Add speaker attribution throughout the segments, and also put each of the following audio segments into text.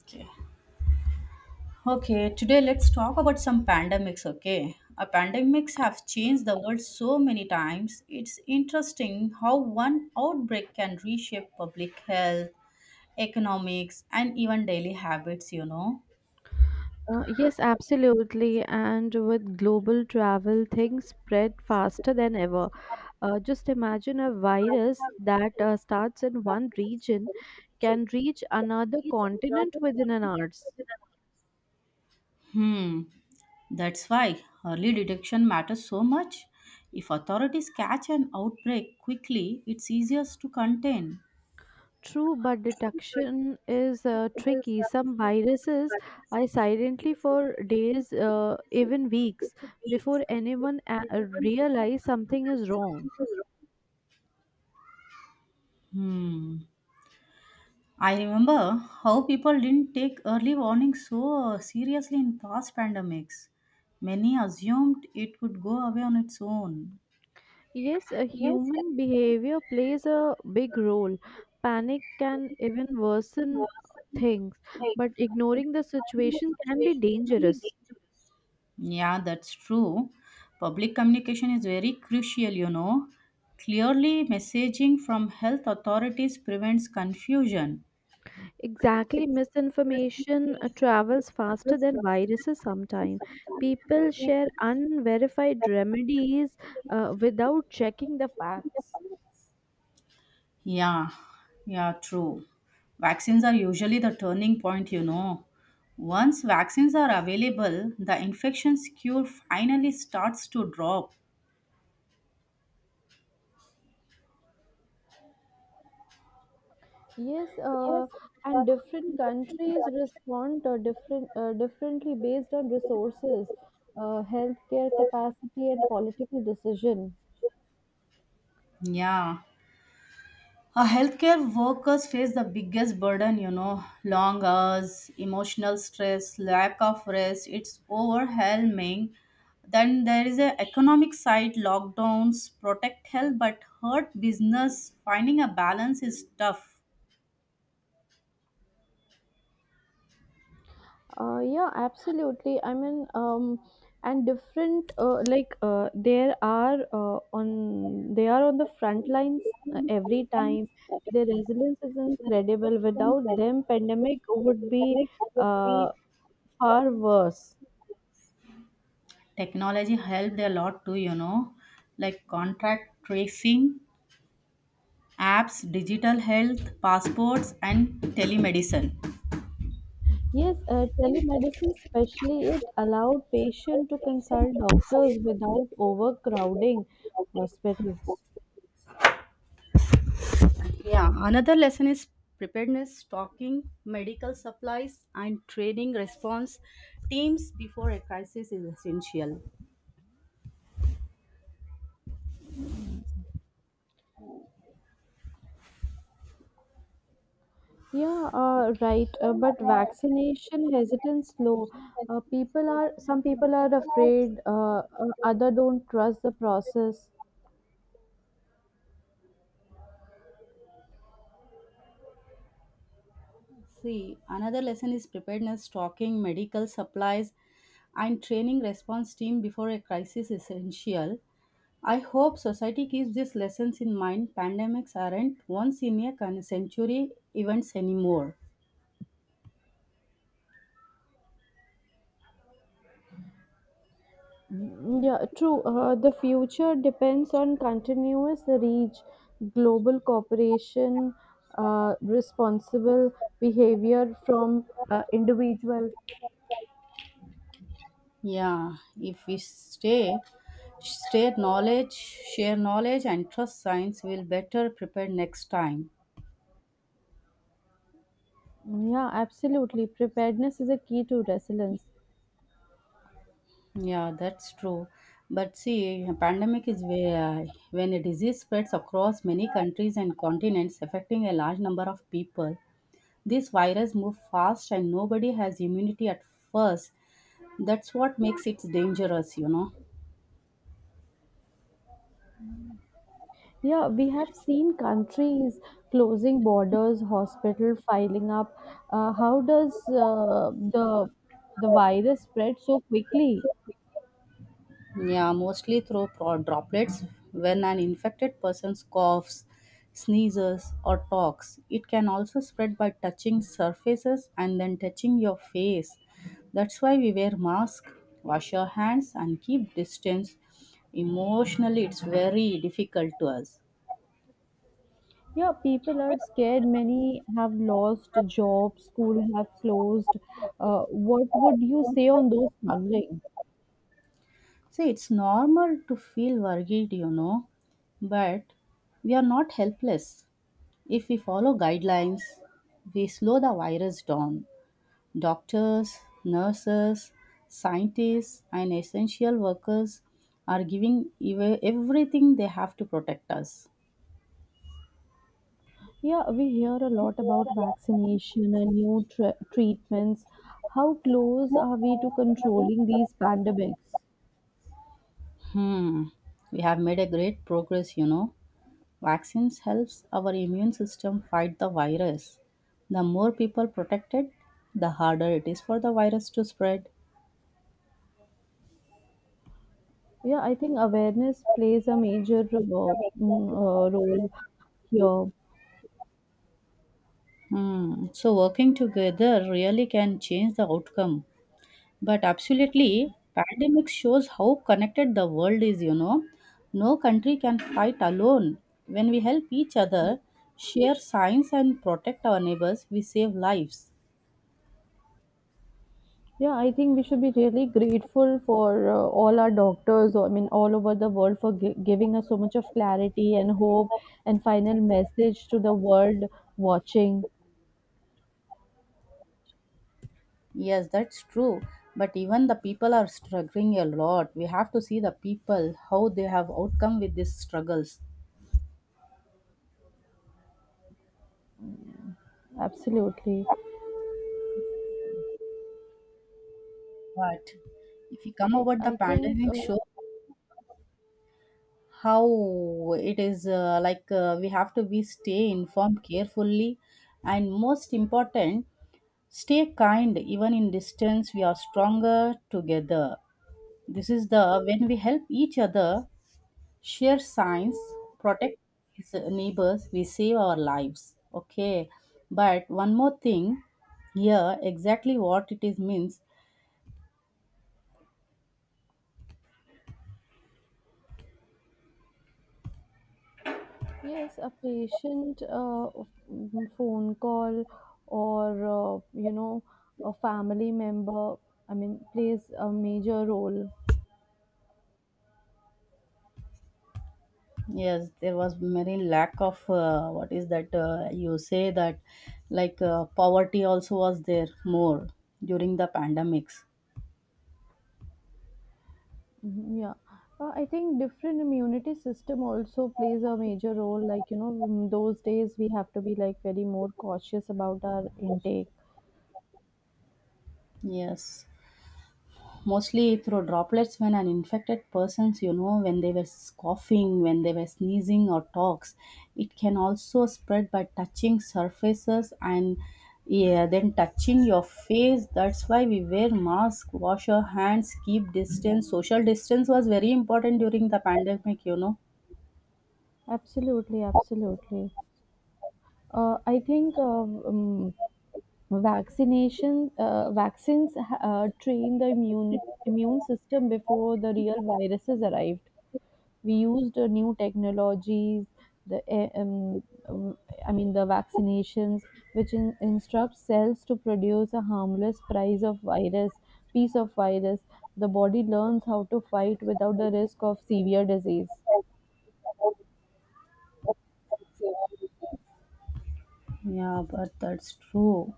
Speaker 1: Okay. Okay, today let's talk about some pandemics, okay? A pandemics have changed the world so many times. It's interesting how one outbreak can reshape public health, economics, and even daily habits, you know.
Speaker 2: Yes, absolutely. And with global travel, things spread faster than ever. Just imagine a virus that starts in one region can reach another continent within an hour.
Speaker 1: Hmm. That's why early detection matters so much. If authorities catch an outbreak quickly, it's easier to contain.
Speaker 2: True, but detection is tricky. Some viruses are silently for days, even weeks, before anyone realize something is wrong.
Speaker 1: Hmm. I remember how people didn't take early warnings so seriously in past pandemics. Many assumed it would go away on its own.
Speaker 2: Yes, a human behavior plays a big role. Panic can even worsen things, but ignoring the situation can be dangerous.
Speaker 1: Yeah, that's true. Public communication is very crucial, you know. Clearly, messaging from health authorities prevents confusion.
Speaker 2: Exactly, misinformation travels faster than viruses sometimes. People share unverified remedies without checking the facts.
Speaker 1: Yeah, yeah, true. Vaccines are usually the turning point, you know. Once vaccines are available, the infections cure finally starts to drop.
Speaker 2: Yes, and different countries respond differently based on resources, healthcare capacity, and political decision.
Speaker 1: Yeah. Healthcare workers face the biggest burden, you know, long hours, emotional stress, lack of rest. It's overwhelming. Then there is a economic side, lockdowns protect health but hurt business. Finding a balance is tough.
Speaker 2: Yeah, absolutely. I mean, and different there are on they are on the front lines every time. Their resilience is incredible. Without them, pandemic would be uh, far worse.
Speaker 1: Technology helped a lot too, you know, like contract tracing, apps, digital health, passports, and telemedicine.
Speaker 2: Yes, telemedicine especially it allowed patients to consult doctors without overcrowding hospitals.
Speaker 1: Yeah, another lesson is preparedness, stocking, medical supplies, and training response teams before a crisis is essential.
Speaker 2: Yeah, right. But vaccination hesitance low. People are some people are afraid. Other don't trust the process.
Speaker 1: See, another lesson is preparedness, stocking, medical supplies, and training response team before a crisis is essential. I hope society keeps these lessons in mind. Pandemics aren't once in a century events anymore.
Speaker 2: Mm, yeah, true. The future depends on continuous reach, global cooperation, responsible behavior from individual.
Speaker 1: Yeah, if we stay, share knowledge, share knowledge, and trust science, we'll better prepare next time.
Speaker 2: Yeah, absolutely. Preparedness is a key to resilience.
Speaker 1: Yeah, that's true. But see, a pandemic is where when a disease spreads across many countries and continents, affecting a large number of people. This virus moves fast, and nobody has immunity at first. That's what makes it dangerous, you know.
Speaker 2: Yeah, we have seen countries closing borders, hospital filing up. How does the virus spread so quickly?
Speaker 1: Yeah, mostly through droplets. When an infected person coughs, sneezes, or talks, it can also spread by touching surfaces and then touching your face. That's why we wear masks, wash your hands, and keep distance. Emotionally, it's very difficult to us.
Speaker 2: Yeah, people are scared. Many have lost jobs. School have closed. What would you say on those struggling?
Speaker 1: See, it's normal to feel worried, you know, but we are not helpless. If we follow guidelines, we slow the virus down. Doctors, nurses, scientists, and essential workers are giving everything they have to protect us.
Speaker 2: Yeah, we hear a lot about vaccination and new treatments. How close are we to controlling these pandemics?
Speaker 1: Hmm. We have made a great progress, you know. Vaccines helps our immune system fight the virus. The more people protected, the harder it is for the virus to spread.
Speaker 2: Yeah, I think awareness plays a major role here.
Speaker 1: Hmm. So working together really can change the outcome. But absolutely, pandemic shows how connected the world is, you know. No country can fight alone. When we help each other, share science and protect our neighbors, we save lives.
Speaker 2: Yeah, I think we should be really grateful for all our doctors, I mean, all over the world for giving us so much of clarity and hope and final message to the world watching.
Speaker 1: Yes, that's true. But even the people are struggling a lot. We have to see the people, how they have outcome with these struggles.
Speaker 2: Absolutely.
Speaker 1: But if you come over the
Speaker 2: I think
Speaker 1: pandemic show how it is we have to be stay informed carefully and most important stay kind, even in distance, we are stronger together. This is the when we help each other, share science, protect his neighbors, we save our lives. Okay, but one more thing here, exactly what it is means.
Speaker 2: Yes, a patient phone call or, you know, a family member, I mean, plays a major role.
Speaker 1: Yes, there was very lack of what is that you say that poverty also was there more during the pandemics.
Speaker 2: Mhm, yeah. I think different immunity system also plays a major role. Like, you know, in those days we have to be like very more cautious about our intake.
Speaker 1: Yes, mostly through droplets when an infected person's, you know, when they were coughing, when they were sneezing or talks, it can also spread by touching surfaces and, yeah, then touching your face. That's why we wear mask, wash your hands, keep distance. Social distance was very important during the pandemic, you know.
Speaker 2: Absolutely, absolutely. I think vaccination vaccines train the immune system before the real viruses arrived. We used new technologies, the eh, um, um, I mean the vaccinations, which instruct cells to produce a harmless prize of virus piece of virus. The body learns how to fight without the risk of severe disease.
Speaker 1: Yeah, but that's true,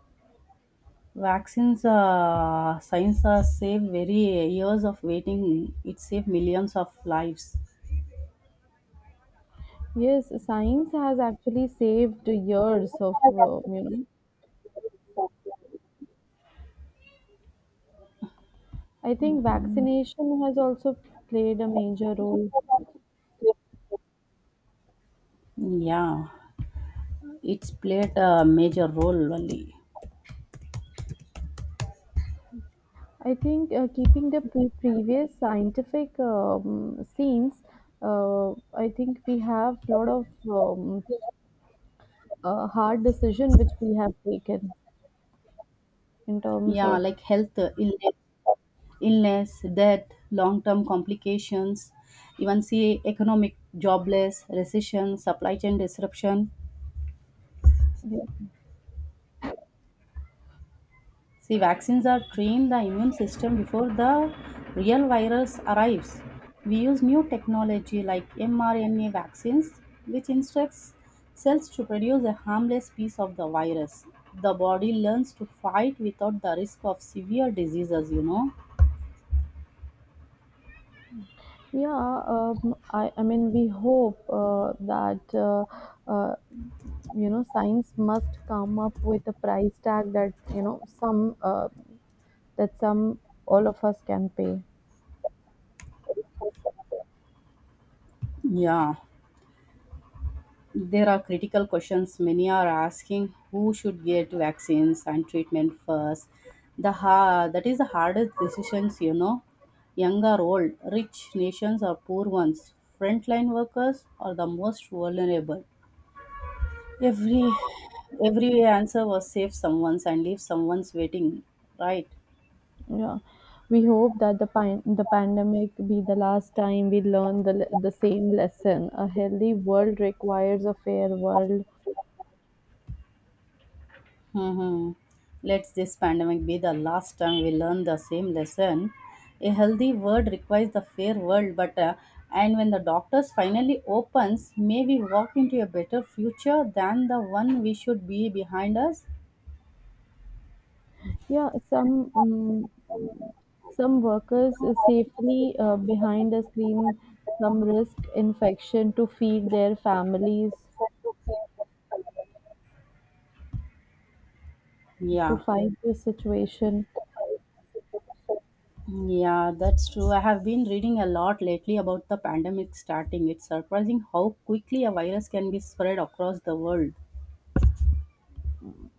Speaker 1: vaccines, science, saved very years of waiting. It saved millions of lives.
Speaker 2: Yes, science has actually saved years of you know I think
Speaker 1: Mhm.
Speaker 2: vaccination has also played a major role.
Speaker 1: Yeah, it's played a major role, Valli.
Speaker 2: I think keeping the previous scientific scenes, I think we have a lot of hard decision which we have taken in terms
Speaker 1: Yeah,
Speaker 2: of
Speaker 1: like health illness, illness, death, long-term complications, even see economic jobless, recession, supply chain disruption.
Speaker 2: yeah.
Speaker 1: See, vaccines are trained the immune system before the real virus arrives. We use new technology like mRNA vaccines, which instructs cells to produce a harmless piece of the virus. The body learns to fight without the risk of severe diseases, you know.
Speaker 2: Yeah, I mean, we hope that uh, you know science must come up with a price tag that you know some all of us can pay.
Speaker 1: Yeah. There are critical questions many are asking who should get vaccines and treatment first. The that is the hardest decisions, you know. Young or old, rich nations or poor ones, frontline workers or the most vulnerable. Every every answer was save someone's and leave someone's waiting, right?
Speaker 2: Yeah, we hope that the the pandemic be the last time we learn the same lesson. A healthy world requires a fair world.
Speaker 1: Mm-hmm. Let this pandemic be the last time we learn the same lesson. A healthy world requires the fair world, but and when the doctors finally opens, may we walk into a better future than the one we should be behind us.
Speaker 2: Yeah, some workers is safely behind a screen. Some risk infection to feed their families to
Speaker 1: Yeah.
Speaker 2: fight this situation.
Speaker 1: Yeah, that's true. I have been reading a lot lately about the pandemic starting. It's surprising how quickly a virus can be spread across the world.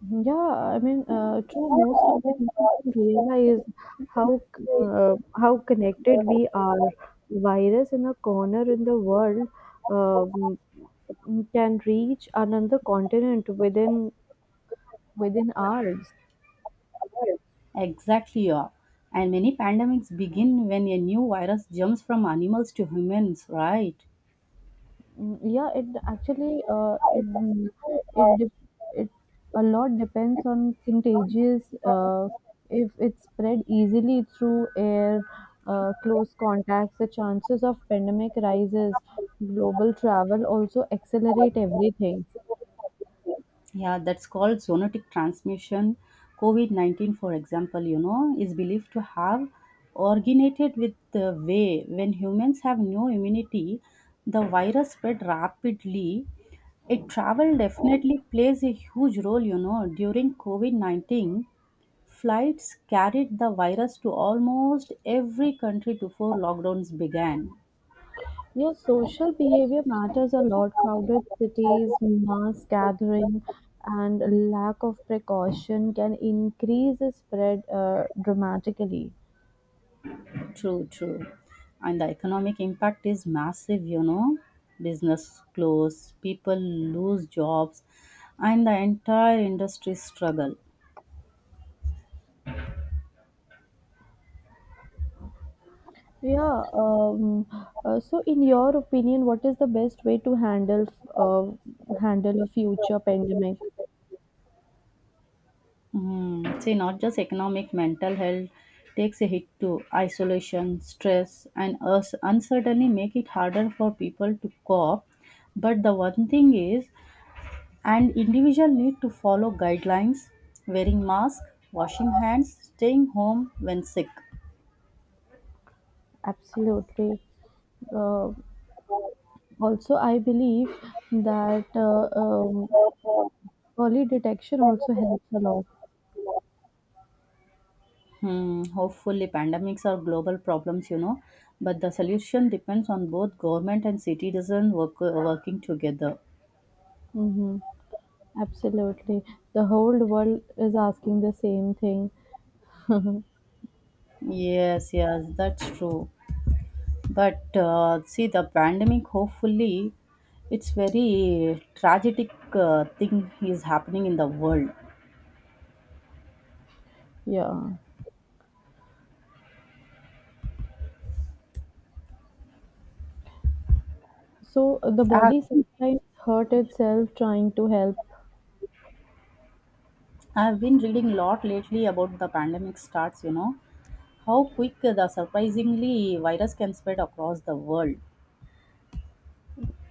Speaker 2: Yeah, I mean, true. Most of the people don't realize how connected we are. Virus in a corner in the world um, can reach another continent within hours.
Speaker 1: Exactly, yeah. And many pandemics begin when a new virus jumps from animals to humans, right?
Speaker 2: Mm, yeah, it actually it it dep- it a lot depends on contagious. If it's spread easily through air, close contacts, the chances of pandemic rises. Global travel also accelerate everything.
Speaker 1: Yeah, that's called zoonotic transmission. COVID 19, for example, you know, is believed to have originated with the way when humans have no immunity, the virus spread rapidly. It travel definitely plays a huge role, you know, during COVID 19. Flights carried the virus to almost every country before lockdowns began.
Speaker 2: Your social behavior matters a lot. Crowded cities, mass gathering, and lack of precaution can increase the spread dramatically.
Speaker 1: True, true. And the economic impact is massive, you know. Business close, people lose jobs, and the entire industry struggle.
Speaker 2: Yeah, um, so in your opinion, what is the best way to handle uh, handle a future pandemic?
Speaker 1: Mm. See, not just economic, mental health takes a hit too. Isolation, stress, and uncertainty make it harder for people to cope. But the one thing is, and individual need to follow guidelines, wearing mask, washing hands, staying home when sick.
Speaker 2: Absolutely. Uh, also, I believe that early detection also helps a lot.
Speaker 1: Hmm, hopefully pandemics are global problems, you know, but the solution depends on both government and citizen work, working together.
Speaker 2: Mm-hmm. Absolutely. The whole world is asking the same thing.
Speaker 1: Yes, yes, that's true, but see the pandemic, hopefully. It's very tragic thing is happening in the world.
Speaker 2: Yeah. So the
Speaker 1: i have
Speaker 2: body sometimes hurt itself trying to help.
Speaker 1: I've been reading a lot lately about the pandemic starts, you know, how quick the surprisingly virus can spread across the world.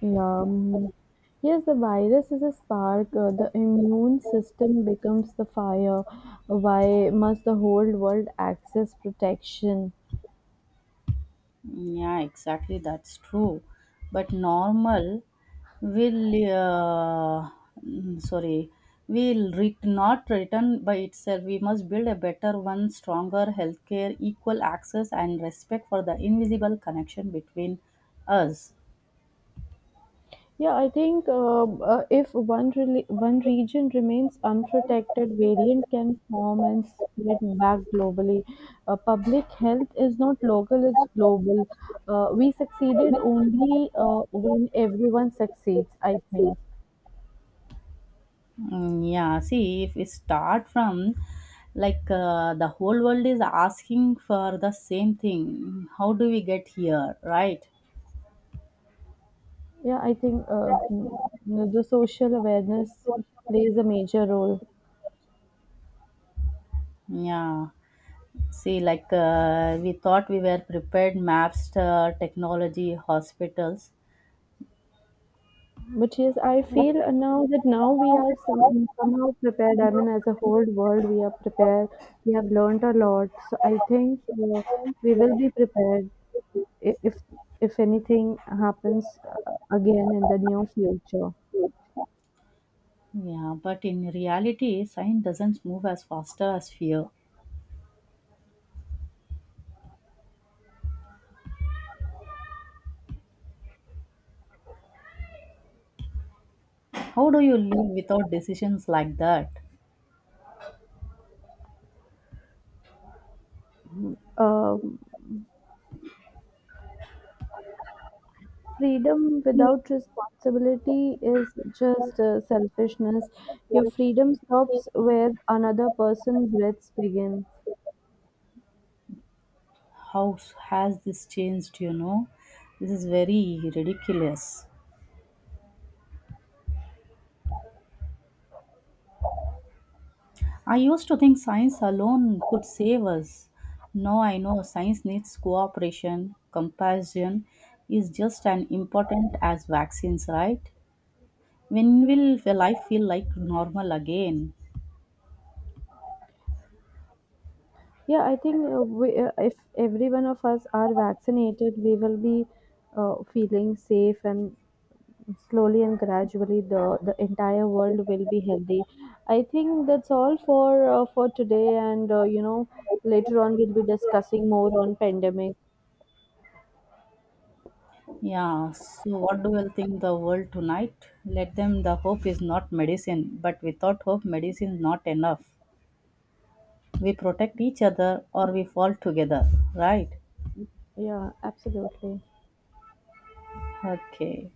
Speaker 2: Yeah. Mhm. Yes, the virus is a spark. The immune system becomes the fire. Why must the whole world access protection?
Speaker 1: Mm, yeah, exactly, that's true. But normal will, uh, sorry, will not return by itself. We must build a better one, stronger healthcare, equal access, and respect for the invisible connection between us.
Speaker 2: Yeah, I think if one region remains unprotected, variant can form and spread back globally. Public health is not local; it's global. We succeeded only when everyone succeeds. I think.
Speaker 1: Mm, yeah, see, if we start from the whole world is asking for the same thing, how do we get here, right?
Speaker 2: Yeah, I think the social awareness plays a major role.
Speaker 1: Yeah, see, we thought we were prepared maps, technology, hospitals.
Speaker 2: But yes, I feel now that now we are somehow prepared. I mean, as a whole world, we are prepared. We have learned a lot. So I think we will be prepared i- if if anything happens again in the near future.
Speaker 1: Yeah, but in reality, science doesn't move as faster as fear. How do you live without decisions like that?
Speaker 2: Um, freedom without responsibility is just selfishness. Your freedom stops where another person's breaths begin.
Speaker 1: How has this changed? You know, this is very ridiculous. I used to think science alone could save us. Now I know science needs cooperation, compassion is just as important as vaccines, right? When will the life feel like normal again?
Speaker 2: Yeah, I think if every one of us are vaccinated, we will be feeling safe and slowly and gradually the entire world will be healthy. I think that's all for today and you know later on we'll be discussing more on pandemic.
Speaker 1: Yeah, so what do you think the world tonight? Let them the hope is not medicine, but without hope medicine is not enough. We protect each other or we fall together, right?
Speaker 2: Yeah, absolutely.
Speaker 1: Okay.